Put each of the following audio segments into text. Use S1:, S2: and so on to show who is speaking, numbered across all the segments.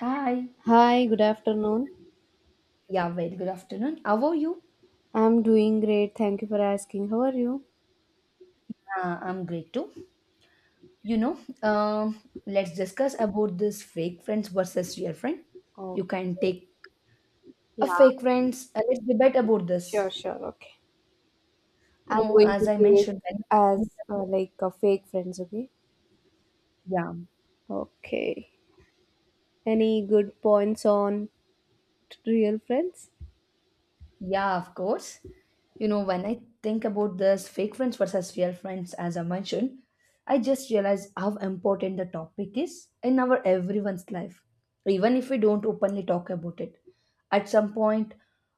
S1: Hi.
S2: Hi, good afternoon.
S1: Yeah, very good afternoon. How are you?
S2: I'm doing great. Thank you for asking. How are you?
S1: I'm great too. You know, um, let's discuss about this fake friends versus real friend.
S2: Oh,
S1: You can take
S2: yeah,
S1: a fake friends. Let's debate about
S2: sure,
S1: this.
S2: sure. Okay.
S1: You
S2: I'm
S1: know,
S2: going
S1: as
S2: to
S1: I
S2: take
S1: mentioned, when I think
S2: as
S1: about-
S2: like a fake friends, okay?
S1: yeah.
S2: Okay. Any good points on real friends?
S1: Yeah, of course. You know, when I think about this fake friends versus real friends, as I mentioned, I just realize how important the topic is in our everyone's life, even if we don't openly talk about it. At some point,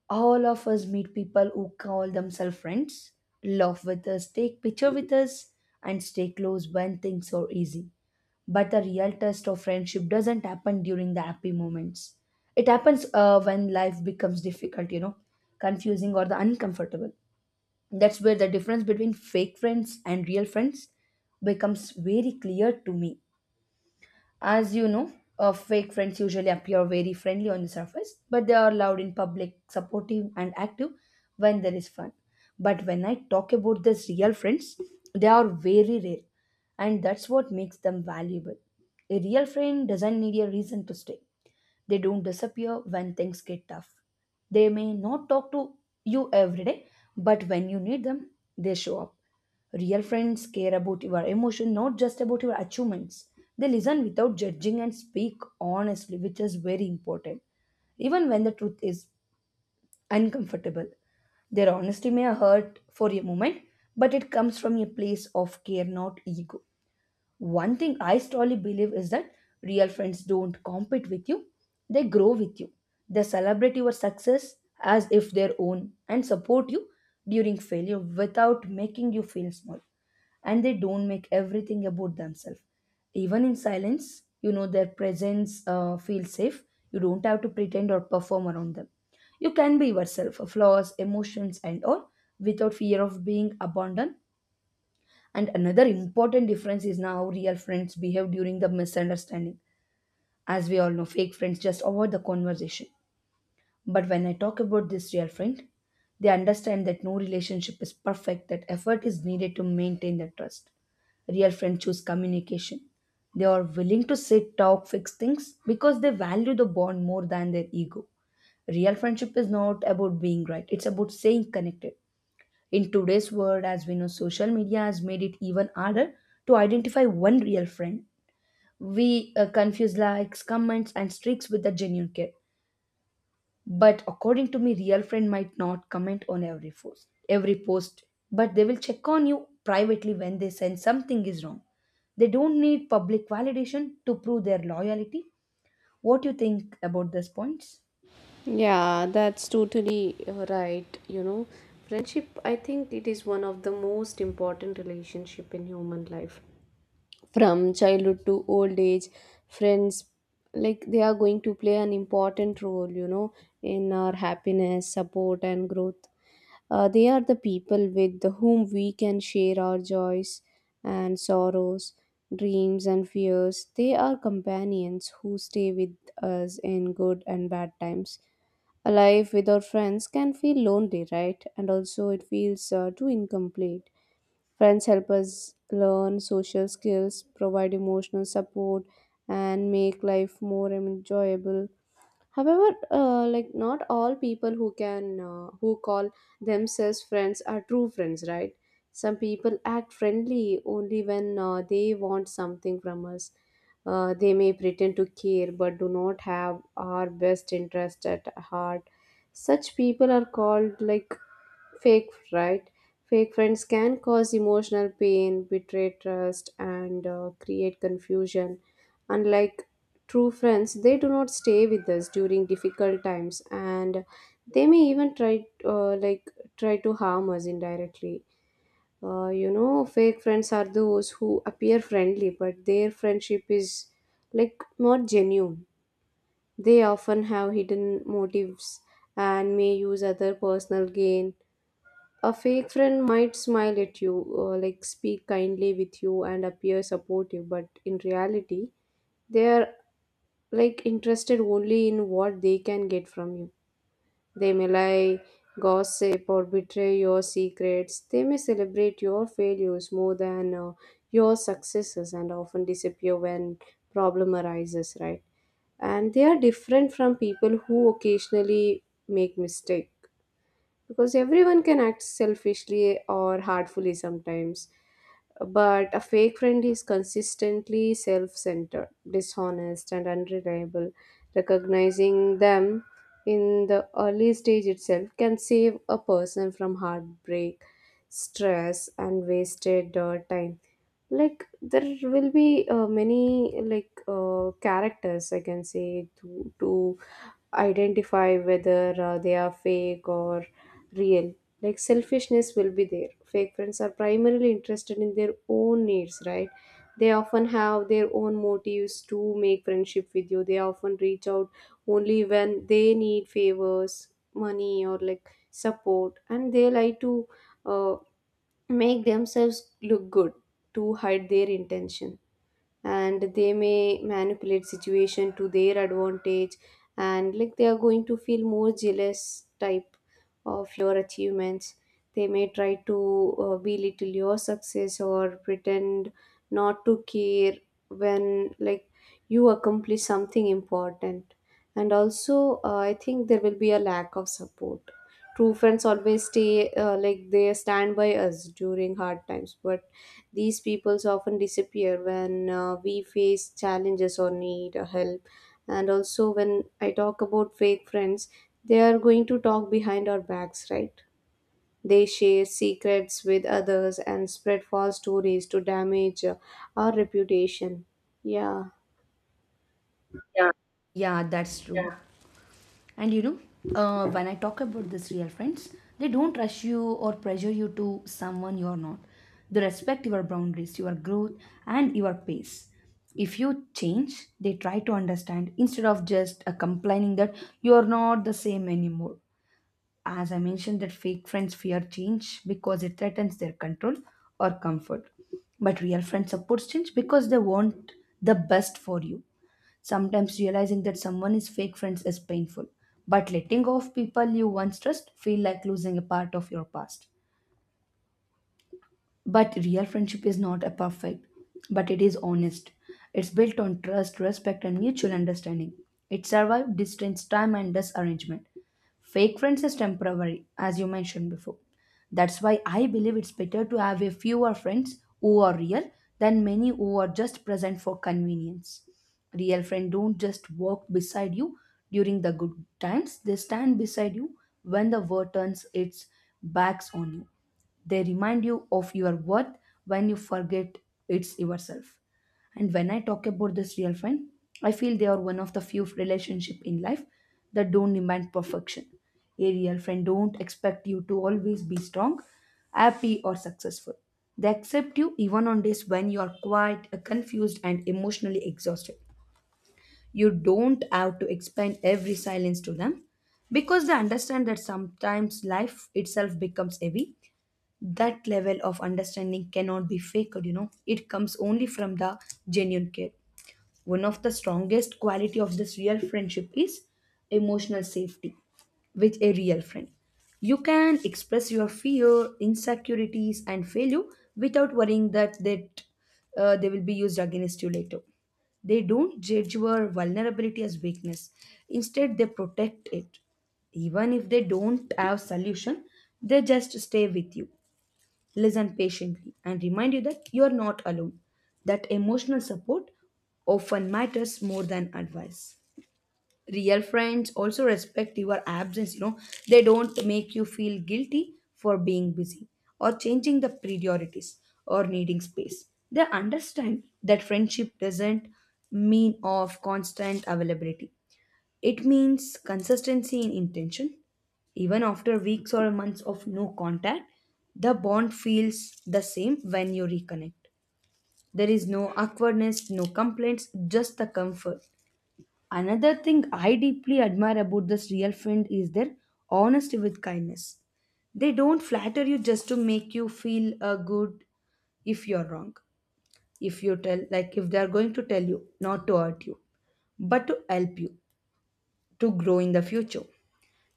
S1: all of us meet people who call themselves friends, laugh with us, take picture with us, and stay close when things are easy. But the real test of friendship doesn't happen during the happy moments. It happens when life becomes difficult, you know, confusing or the uncomfortable. That's where the difference between fake friends and real friends becomes very clear to me. As you know, fake friends usually appear very friendly on the surface, but they are loud in public, supportive, and active when there is fun. But when I talk about these real friends, they are very rare, and that's what makes them valuable. A real friend doesn't need a reason to stay. They don't disappear when things get tough. They may not talk to you every day, but when you need them, they show up. Real friends care about your emotion, not just about your achievements. They listen without judging and speak honestly, which is very important, even when the truth is uncomfortable. Their honesty may hurt for a moment, but it comes from a place of care, not ego. One thing I strongly believe is that real friends don't compete with you, they grow with you. They celebrate your success as if their own and support you during failure without making you feel small. And they don't make everything about themselves. Even in silence, you know their presence feels safe. You don't have to pretend or perform around them. You can be yourself, flaws, emotions, and all without fear of being abandoned, and another important difference is now how real friends behave during the misunderstanding. As we all know, fake friends just avoid the conversation. But when I talk about this real friend, they understand that no relationship is perfect, that effort is needed to maintain the trust. Real friends choose communication. They are willing to sit, talk, fix things because they value the bond more than their ego. Real friendship is not about being right, it's about staying connected. In today's world, as we know, social media has made it even harder to identify one real friend. We confuse likes, comments, and streaks with the genuine care. But according to me, real friend might not comment on every post, but they will check on you privately when they sense something is wrong. They don't need public validation to prove their loyalty. What do you think about these points?
S2: Yeah, that's totally right. You know, friendship, I think it is one of the most important relationship in human life. From childhood to old age, friends, like they are going to play an important role, you know, in our happiness support and growth. They are the people with whom we can share our joys and sorrows, dreams and fears. They are companions who stay with us in good and bad times. A life without friends can feel lonely, right? And also it feels too incomplete. Friends help us learn social skills, provide emotional support, and make life more enjoyable. However, like not all people who can who call themselves friends are true friends, right? Some people act friendly only when they want something from us. They may pretend to care but do not have our best interest at heart. Such people are called like fake, right? Fake friends can cause emotional pain, betray trust, and create confusion. Unlike true friends, they do not stay with us during difficult times, and they may even try, like, try to harm us indirectly. You know, fake friends are those who appear friendly, but their friendship is like not genuine. They often have hidden motives and may use other personal gain. A fake friend might smile at you, like speak kindly with you, and appear supportive, but in reality, they are like interested only in what they can get from you. They may lie, gossip, or betray your secrets. They may celebrate your failures more than your successes, and often disappear when problem arises, right? And they are different from people who occasionally make mistakes because everyone can act selfishly or hurtfully sometimes, but a fake friend is consistently self-centered, dishonest and unreliable. Recognizing them in the early stage itself can save a person from heartbreak, stress and wasted time. Like there will be many characters I can say to identify whether they are fake or real. Like selfishness will be there. Fake friends are primarily interested in their own needs, right? They often have their own motives to make friendship with you. They often reach out only when they need favors, money, or like support, and they like to uh, make themselves look good to hide their intention, and they may manipulate situation to their advantage. And like they are going to feel more jealous type of your achievements. They may try to belittle your success or pretend not to care when like you accomplish something important. And also I think there will be a lack of support. True friends always stay like they stand by us during hard times, but these peoples often disappear when we face challenges or need help. And also, when I talk about fake friends, they are going to talk behind our backs, right? They share secrets with others and spread false stories to damage our reputation. Yeah.
S1: Yeah, that's true. And you know, when I talk about this real friends, they don't rush you or pressure you to someone you are not. They respect your boundaries, your growth, and your pace. If you change, they try to understand instead of just complaining that you are not the same anymore. As I mentioned, that fake friends fear change because it threatens their control or comfort. But real friends support change because they want the best for you. Sometimes realizing that someone is fake friends is painful, but letting go of people you once trust feel like losing a part of your past. But real friendship is not a perfect, but it is honest. It's built on trust, respect, and mutual understanding. It survived distance, time, and disarrangement. Fake friends is temporary, as you mentioned before. That's why I believe it's better to have a fewer friends who are real than many who are just present for convenience. Real friends don't just walk beside you during the good times, they stand beside you when the world turns its backs on you. They remind you of your worth when you forget it's yourself. And when I talk about this real friend, I feel they are one of the few relationship in life that don't demand perfection. A real friend don't expect you to always be strong, happy or successful. They accept you even on days when you are quiet, confused and emotionally exhausted. You don't have to explain every silence to them because they understand that sometimes life itself becomes heavy. That level of understanding cannot be faked, you know. It comes only from the genuine care. One of the strongest quality of this real friendship is emotional safety. With a real friend, you can express your fear, insecurities and failure without worrying that they will be used against you later. They don't judge your vulnerability as weakness, instead they protect it. Even if they don't have solution, they just stay with you, listen patiently and remind you that you are not alone, that emotional support often matters more than advice. Real friends also respect your absence, you know, they don't make you feel guilty for being busy or changing the priorities or needing space. They understand that friendship doesn't mean of constant availability. It means consistency in intention. Even after weeks or months of no contact, the bond feels the same when you reconnect. There is no awkwardness, no complaints, just the comfort. Another thing I deeply admire about this real friend is their honesty with kindness. They don't flatter you just to make you feel good if you're wrong. If you tell, like if they are going to tell you, not to hurt you, but to help you to grow in the future.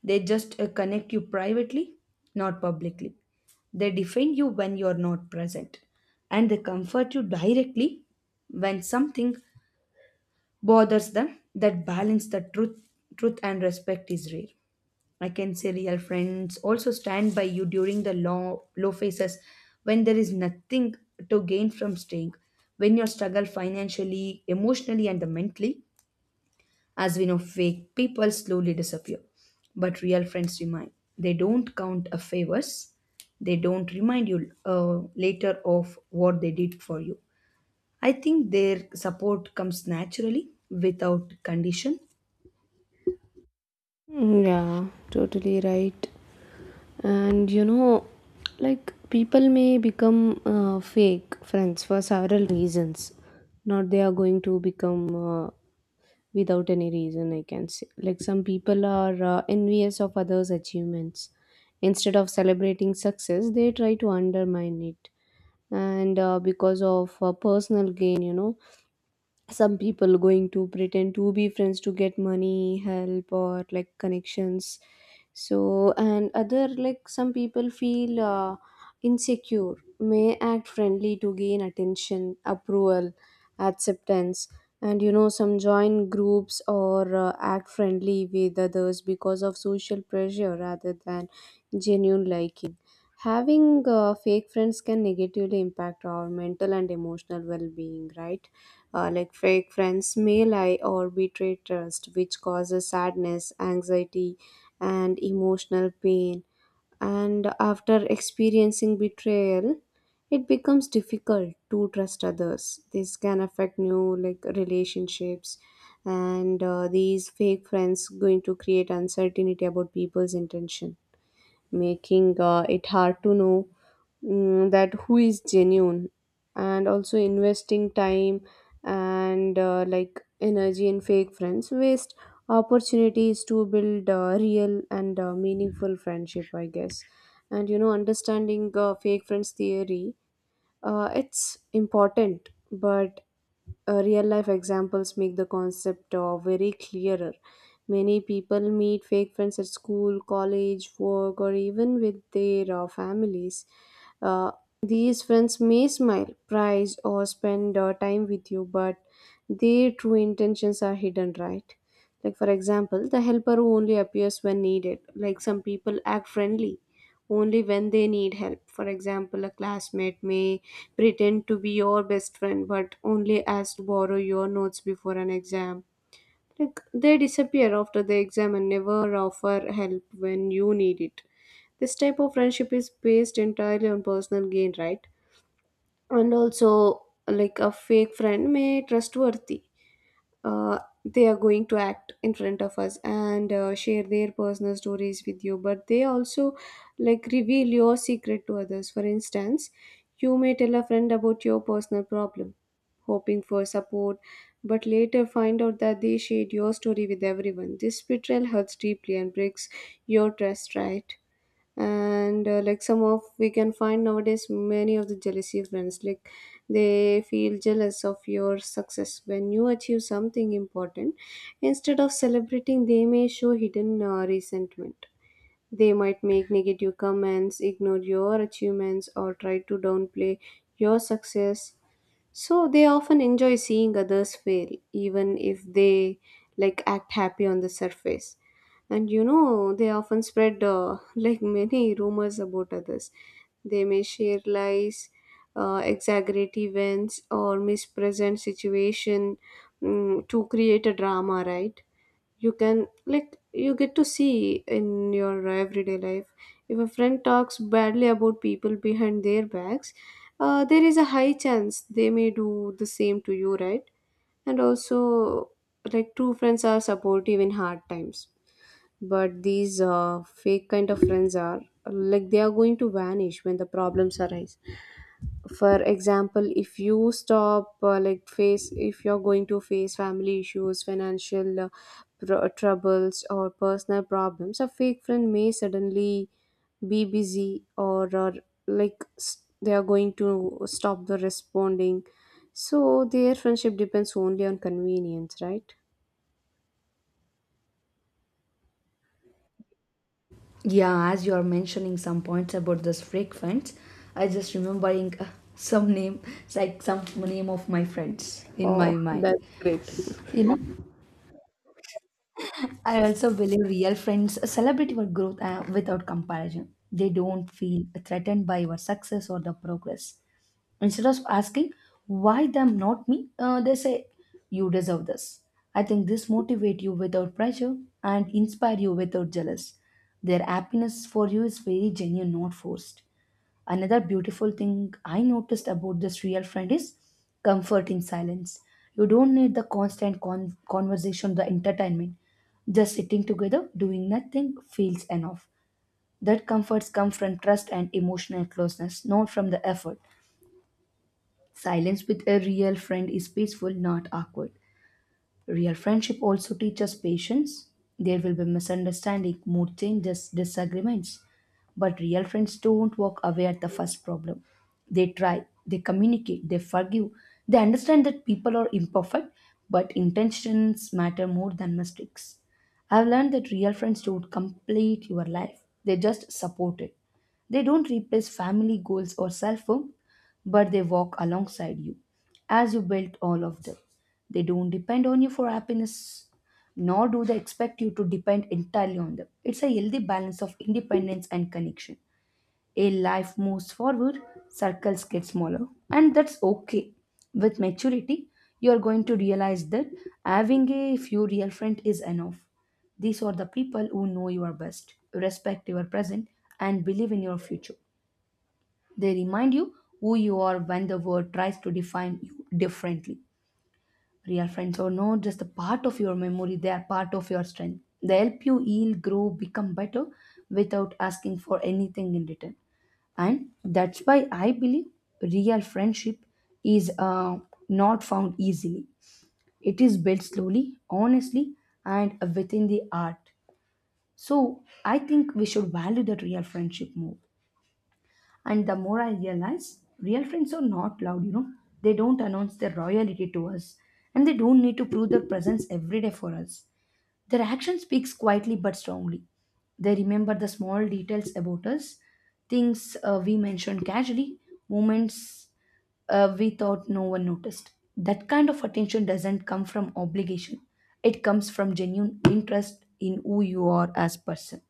S1: They just connect you privately, not publicly. They defend you when you're not present, and they comfort you directly when something bothers them. That balance, the truth and respect is rare. I can say real friends also stand by you during the low, low phases when there is nothing to gain from staying, when you struggle financially, emotionally, and mentally. As we know, fake people slowly disappear, but real friends remain. They don't count a favors. They don't remind you later of what they did for you. I think their support comes naturally without condition.
S2: Yeah, totally right. And you know, like people may become fake friends for several reasons. Not they are going to become without any reason, I can say. Like some people are envious of others achievements. Instead of celebrating success they try to undermine it. And because of personal gain, you know, some people going to pretend to be friends to get money, help, or like connections. So and other, like some people feel insecure, may act friendly to gain attention, approval, acceptance. And you know, some join groups or act friendly with others because of social pressure rather than genuine liking. Having fake friends can negatively impact our mental and emotional well-being, right? Like fake friends may lie or betray trust, which causes sadness, anxiety, and emotional pain. And after experiencing betrayal, it becomes difficult to trust others. This can affect new like relationships, and these fake friends going to create uncertainty about people's intention, making it hard to know that who is genuine. And also investing time and like energy in fake friends waste opportunities to build real and meaningful friendship, I guess. And you know, understanding fake friends theory, it's important, but real life examples make the concept very clearer. Many people meet fake friends at school, college, work, or even with their families. Uh, these friends may smile, prize, or spend time with you, but their true intentions are hidden, right? Like, for example, the helper who only appears when needed. Like, some people act friendly only when they need help. For example, a classmate may pretend to be your best friend but only ask to borrow your notes before an exam. Like they disappear after the exam and never offer help when you need it. This type of friendship is based entirely on personal gain, right? And also like a fake friend may trustworthy. uh, they are going to act in front of us and share their personal stories with you, but they also like reveal your secret to others. For instance, you may tell a friend about your personal problem hoping for support, but later find out that they shared your story with everyone. This betrayal hurts deeply and breaks your trust, right? And like some of we can find nowadays many of the jealousy friends. Like they feel jealous of your success. When you achieve something important, instead of celebrating, they may show hidden resentment. They might make negative comments, ignore your achievements, or try to downplay your success. So they often enjoy seeing others fail, even if they like act happy on the surface. And you know, they often spread like many rumors about others. They may share lies, exaggerate events, or mispresent situation to create a drama, right? You can like you get to see in your everyday life. If a friend talks badly about people behind their backs, there is a high chance they may do the same to you, right? And also, like true friends are supportive in hard times, but these fake kind of friends are like they are going to vanish when the problems arise. For example, if you stop like face, if you're going to face family issues, financial troubles, or personal problems, a fake friend may suddenly be busy, or they are going to stop the responding. So their friendship depends only on convenience, right?
S1: Yeah, as you are mentioning some points about this fake friends, I just remembering some name, it's like some name of my friends in my
S2: Oh,
S1: mind.
S2: that's great.
S1: You know, I also believe real friends celebrate your growth without comparison. They don't feel threatened by your success or the progress. Instead of asking, why them, not me, they say, you deserve this. I think this motivate you without pressure and inspire you without jealous. Their happiness for you is very genuine, not forced. Another beautiful thing I noticed about this real friend is comfort in silence. You don't need the constant conversation, the entertainment. Just sitting together, doing nothing feels enough. That comforts come from trust and emotional closeness, not from the effort. Silence with a real friend is peaceful, not awkward. Real friendship also teaches patience. There will be misunderstanding, mood changes, disagreements. But real friends don't walk away at the first problem. They try, they communicate, they forgive. They understand that people are imperfect, but intentions matter more than mistakes. I've learned that real friends don't complete your life, they just support it. They don't replace family goals or self worth, but they walk alongside you as you build all of them. They don't depend on you for happiness, nor do they expect you to depend entirely on them. It's a healthy balance of independence and connection. A life moves forward, circles get smaller, and that's okay. With maturity, you are going to realize that having a few real friends is enough. These are the people who know you are best, respect your present, and believe in your future. They remind you who you are when the world tries to define you differently. Real friends are not just a part of your memory, they are part of your strength. They help you heal, grow, become better without asking for anything in return. And that's why I believe real friendship is not found easily. It is built slowly, honestly, and within the art. So I think we should value that real friendship more. And the more I realize, real friends are not loud, you know. They don't announce their loyalty to us, and they don't need to prove their presence every day for us. Their action speaks quietly but strongly. They remember the small details about us, things we mentioned casually, moments we thought no one noticed. That kind of attention doesn't come from obligation. It comes from genuine interest in who you are as person.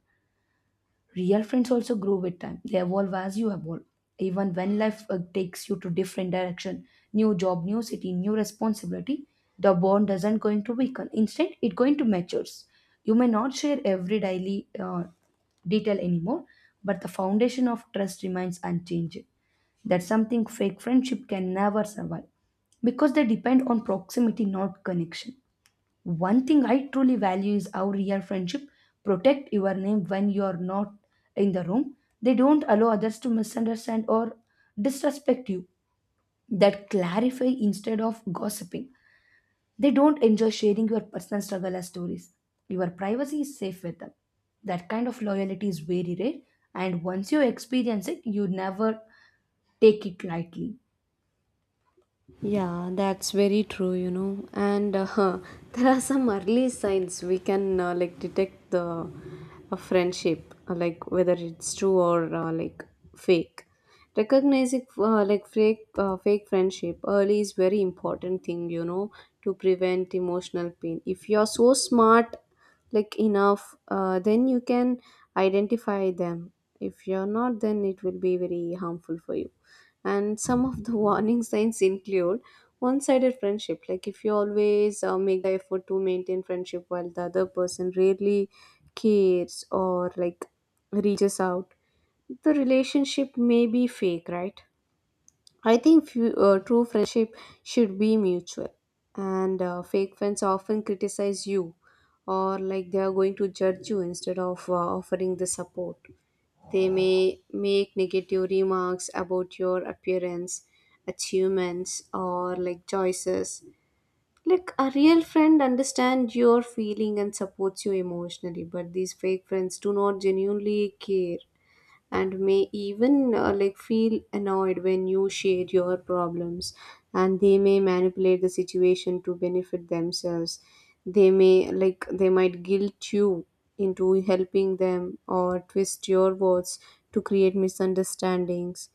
S1: Real friends also grow with time. They evolve as you evolve. Even when life takes you to different direction, new job, new city, new responsibility, the bond doesn't going to weaken. Instead, it going to matures. You may not share every daily detail anymore, but the foundation of trust remains unchanged. That's something fake friendship can never survive because they depend on proximity, not connection. One thing I truly value is how real friendship protect your name when you're not in the room. They don't allow others to misunderstand or disrespect you. That clarify instead of gossiping. They don't enjoy sharing your personal struggle as stories. Your privacy is safe with them. That kind of loyalty is very rare, and once you experience it, you never take it lightly.
S2: Yeah, that's very true, you know. And there are some early signs we can like detect the a friendship, like whether it's true or like fake. Recognizing fake friendship early is very important thing, you know, to prevent emotional pain. If you're so smart, like enough, then you can identify them. If you're not, then it will be very harmful for you. And some of the warning signs include one sided friendship. Like if you always make the effort to maintain friendship while the other person rarely cares or like reaches out, the relationship may be fake, right? I think true friendship should be mutual. And fake friends often criticize you or like they are going to judge you instead of offering the support. They may make negative remarks about your appearance, achievements, or like choices. Like a real friend understands your feeling and supports you emotionally, but these fake friends do not genuinely care and may even like feel annoyed when you share your problems. And they may manipulate the situation to benefit themselves. They may like they might guilt you into helping them or twist your words to create misunderstandings.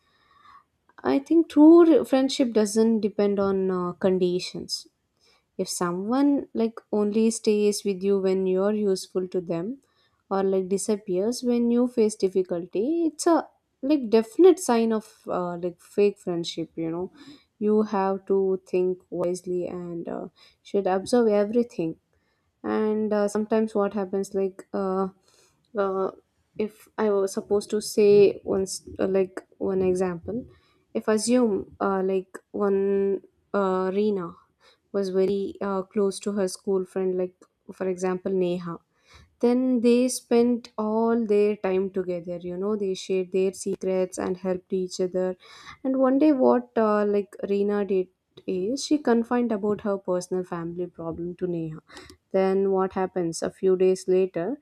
S2: I think friendship doesn't depend on conditions. If someone like only stays with you when you're useful to them or like disappears when you face difficulty, it's a like definite sign of like fake friendship, you know. You have to think wisely and should observe everything. And sometimes what happens, uh, if I was supposed to say once like one example, if assume like one Rena was very close to her school friend, like for example Neha. Then they spent all their time together, you know, they shared their secrets and helped each other. And one day, what like Reena did is she confided about her personal family problem to Neha. Then what happens? A few days later,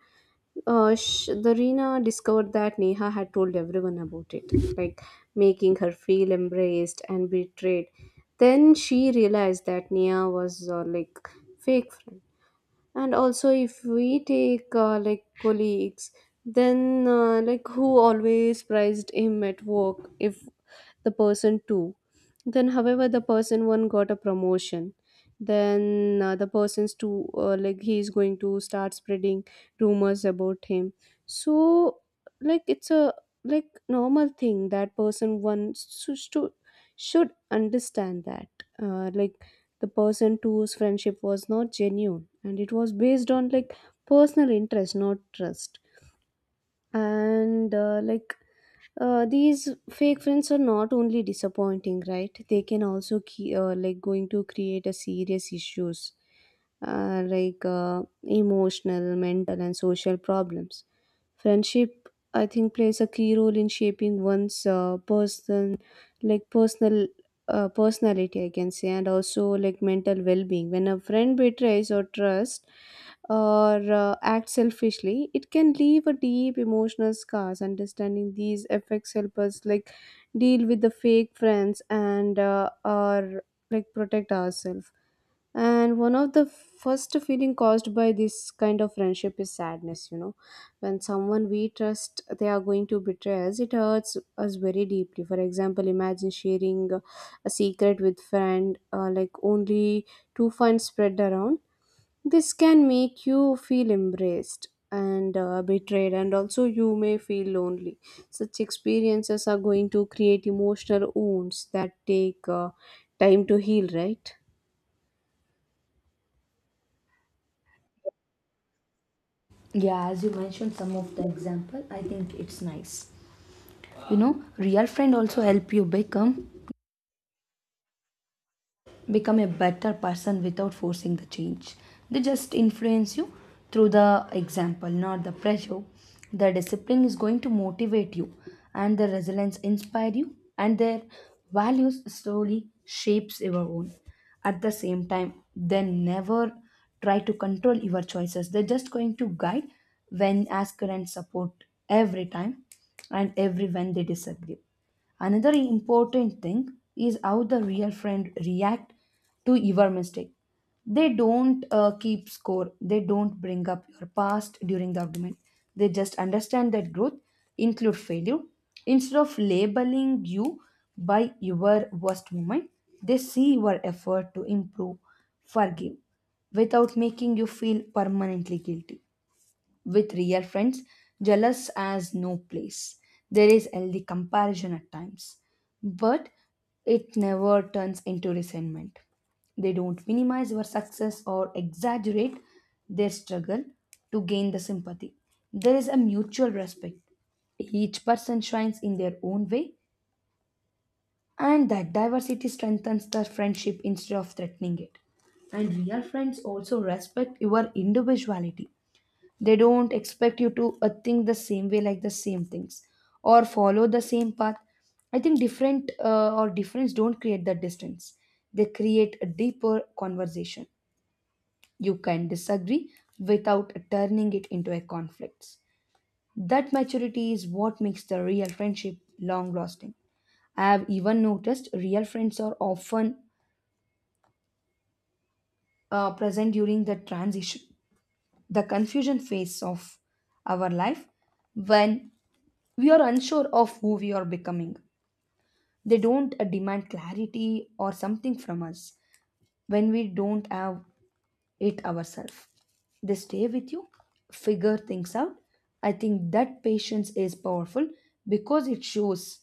S2: the Reena discovered that Neha had told everyone about it, like making her feel embraced and betrayed. Then she realized that Neha was fake friend. And also if we take colleagues, then who always prized him at work, if the person two, then however the person one got a promotion, then the person's two he is going to start spreading rumors about him. So it's a normal thing that person one should understand that uh, like the person two's friendship was not genuine and it was based on like personal interest, not trust. And these fake friends are not only disappointing, right? They can also key, going to create a serious issues, emotional, mental and social problems. Friendship, I think, plays a key role in shaping one's personal, personality, I can say, and also like mental well-being. When a friend betrays or trust, or act selfishly, it can leave a deep emotional scars. Understanding these effects help us like deal with the fake friends, and or like protect ourselves. And one of the first feeling caused by this kind of friendship is sadness, you know. When someone we trust they are going to betray us, it hurts us very deeply. For example, imagine sharing a secret with friend only to find spread around. This can make you feel embraced and betrayed, and also you may feel lonely. Such experiences are going to create emotional wounds that take time to heal, right?
S1: Yeah, as you mentioned some of the example, I think it's nice. You know, real friend also help you become a better person without forcing the change. They just influence you through the example, not the pressure. The discipline is going to motivate you, and the resilience inspire you, and their values slowly shapes your own. At the same time, they never try to control your choices. They're just going to guide when ask and support every time and every when they disagree. Another important thing is how the real friend react to your mistake. They don't keep score. They don't bring up your past during the argument. They just understand that growth include failure. Instead of labeling you by your worst moment, they see your effort to improve, forgive, without making you feel permanently guilty with real friends, jealous as no place. There is healthy comparison at times, but it never turns into resentment. They don't minimize your success or exaggerate their struggle to gain the sympathy. There is a mutual respect. Each person shines in their own way, and that diversity strengthens the friendship instead of threatening it. And real friends also respect your individuality. They don't expect you to think the same way, like the same things, or follow the same path. I think different or difference don't create the distance. They create a deeper conversation. You can disagree without turning it into a conflict. That maturity is what makes the real friendship long lasting. I have even noticed real friends are often present during the transition, the confusion phase of our life when we are unsure of who we are becoming. They don't demand clarity or something from us when we don't have it ourselves. They stay with you, figure things out. I think that patience is powerful because it shows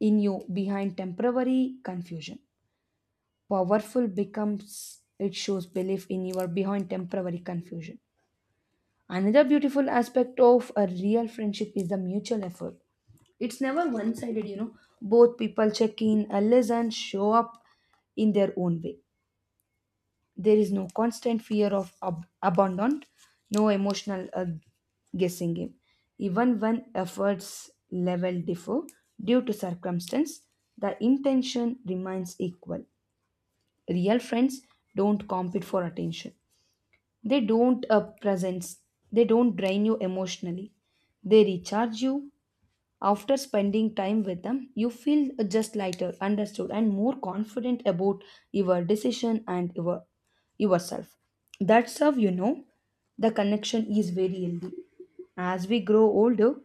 S1: in you behind temporary confusion. Powerful becomes it shows belief in you your behind temporary confusion. Another beautiful aspect of a real friendship is the mutual effort. It's never one sided, you know. Both people check in, listen, show up in their own way. There is no constant fear of abandon, no emotional guessing game. Even when efforts level differ due to circumstance, the intention remains equal. Real friends don't compete for attention. They don't presence. They don't drain you emotionally. They recharge you after spending time with them, you feel just lighter, understood, and more confident about your decision and yourself. That's how you know the connection is very healthy. As we grow older,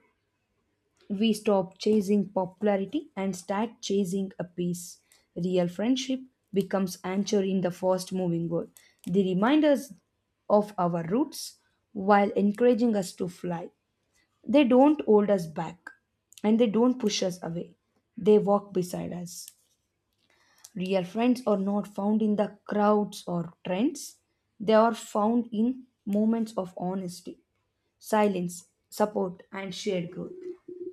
S1: we stop chasing popularity and start chasing a peace. Real friendship becomes anchor in the fast moving world. They remind us of our roots while encouraging us to fly. They don't hold us back and they don't push us away. They walk beside us. Real friends are not found in the crowds or trends, they are found in moments of honesty, silence, support, and shared growth.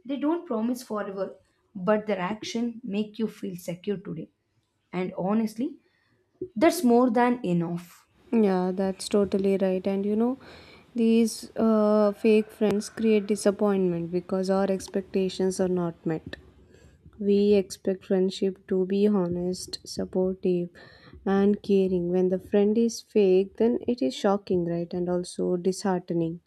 S1: They don't promise forever, but their action make you feel secure today. And honestly, that's more than enough.
S2: Yeah, that's totally right. And you know, these fake friends create disappointment because our expectations are not met. We expect friendship to be honest, supportive, and caring. When the friend is fake, then it is shocking, right? And also disheartening.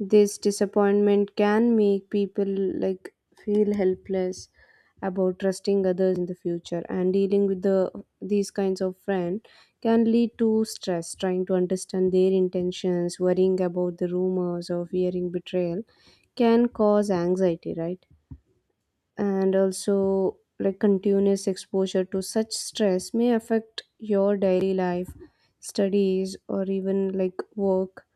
S2: This disappointment can make people like feel helpless about trusting others in the future. And dealing with the these kinds of friend can lead to stress. Trying to understand their intentions, worrying about the rumors or fearing betrayal can cause anxiety, right? And also like continuous exposure to such stress may affect your daily life, studies or even like work.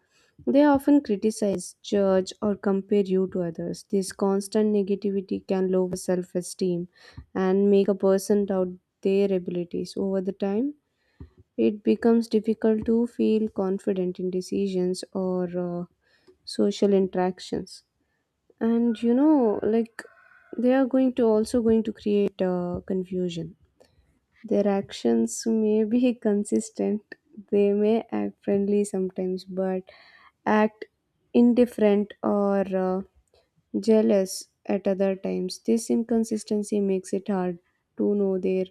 S2: They often criticize, judge, or compare you to others. This constant negativity can lower self esteem and make a person doubt their abilities. Over the time, it becomes difficult to feel confident in decisions or social interactions. And you know, like they are going to also going to create confusion. Their actions may be consistent, they may act friendly sometimes, but act indifferent or jealous at other times. This inconsistency makes it hard to know their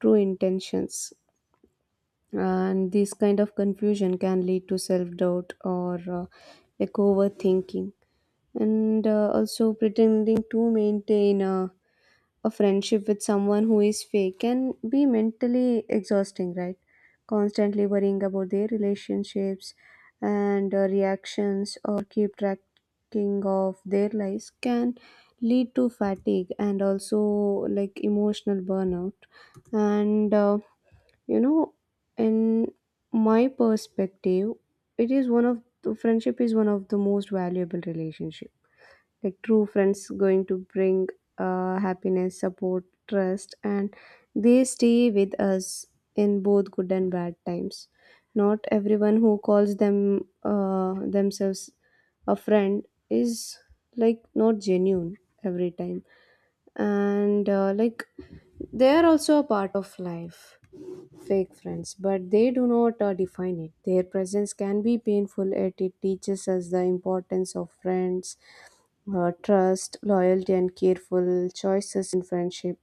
S2: true intentions, and this kind of confusion can lead to self doubt or overthinking. And also pretending to maintain a friendship with someone who is fake can be mentally exhausting, right? Constantly worrying about their relationships and reactions or keep tracking of their lives can lead to fatigue and also like emotional burnout. And you know, in my perspective, it is one of the friendship is one of the most valuable relationships. Like true friends going to bring happiness, support, trust, and they stay with us in both good and bad times. Not everyone who calls themselves a friend is like not genuine every time. And they are also a part of life, fake friends, but they do not define it. Their presence can be painful, yet it teaches us the importance of friends, trust, loyalty, and careful choices in friendship.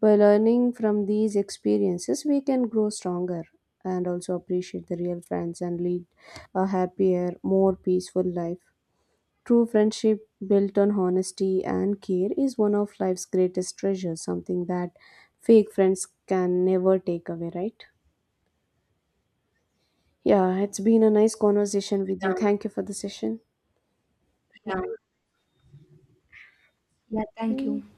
S2: By learning from these experiences, we can grow stronger and also appreciate the real friends and lead a happier, more peaceful life. True friendship built on honesty and care is one of life's greatest treasures, something that fake friends can never take away, right? Yeah, it's been a nice conversation with you. Thank you for the session.
S1: Yeah, yeah, thank you.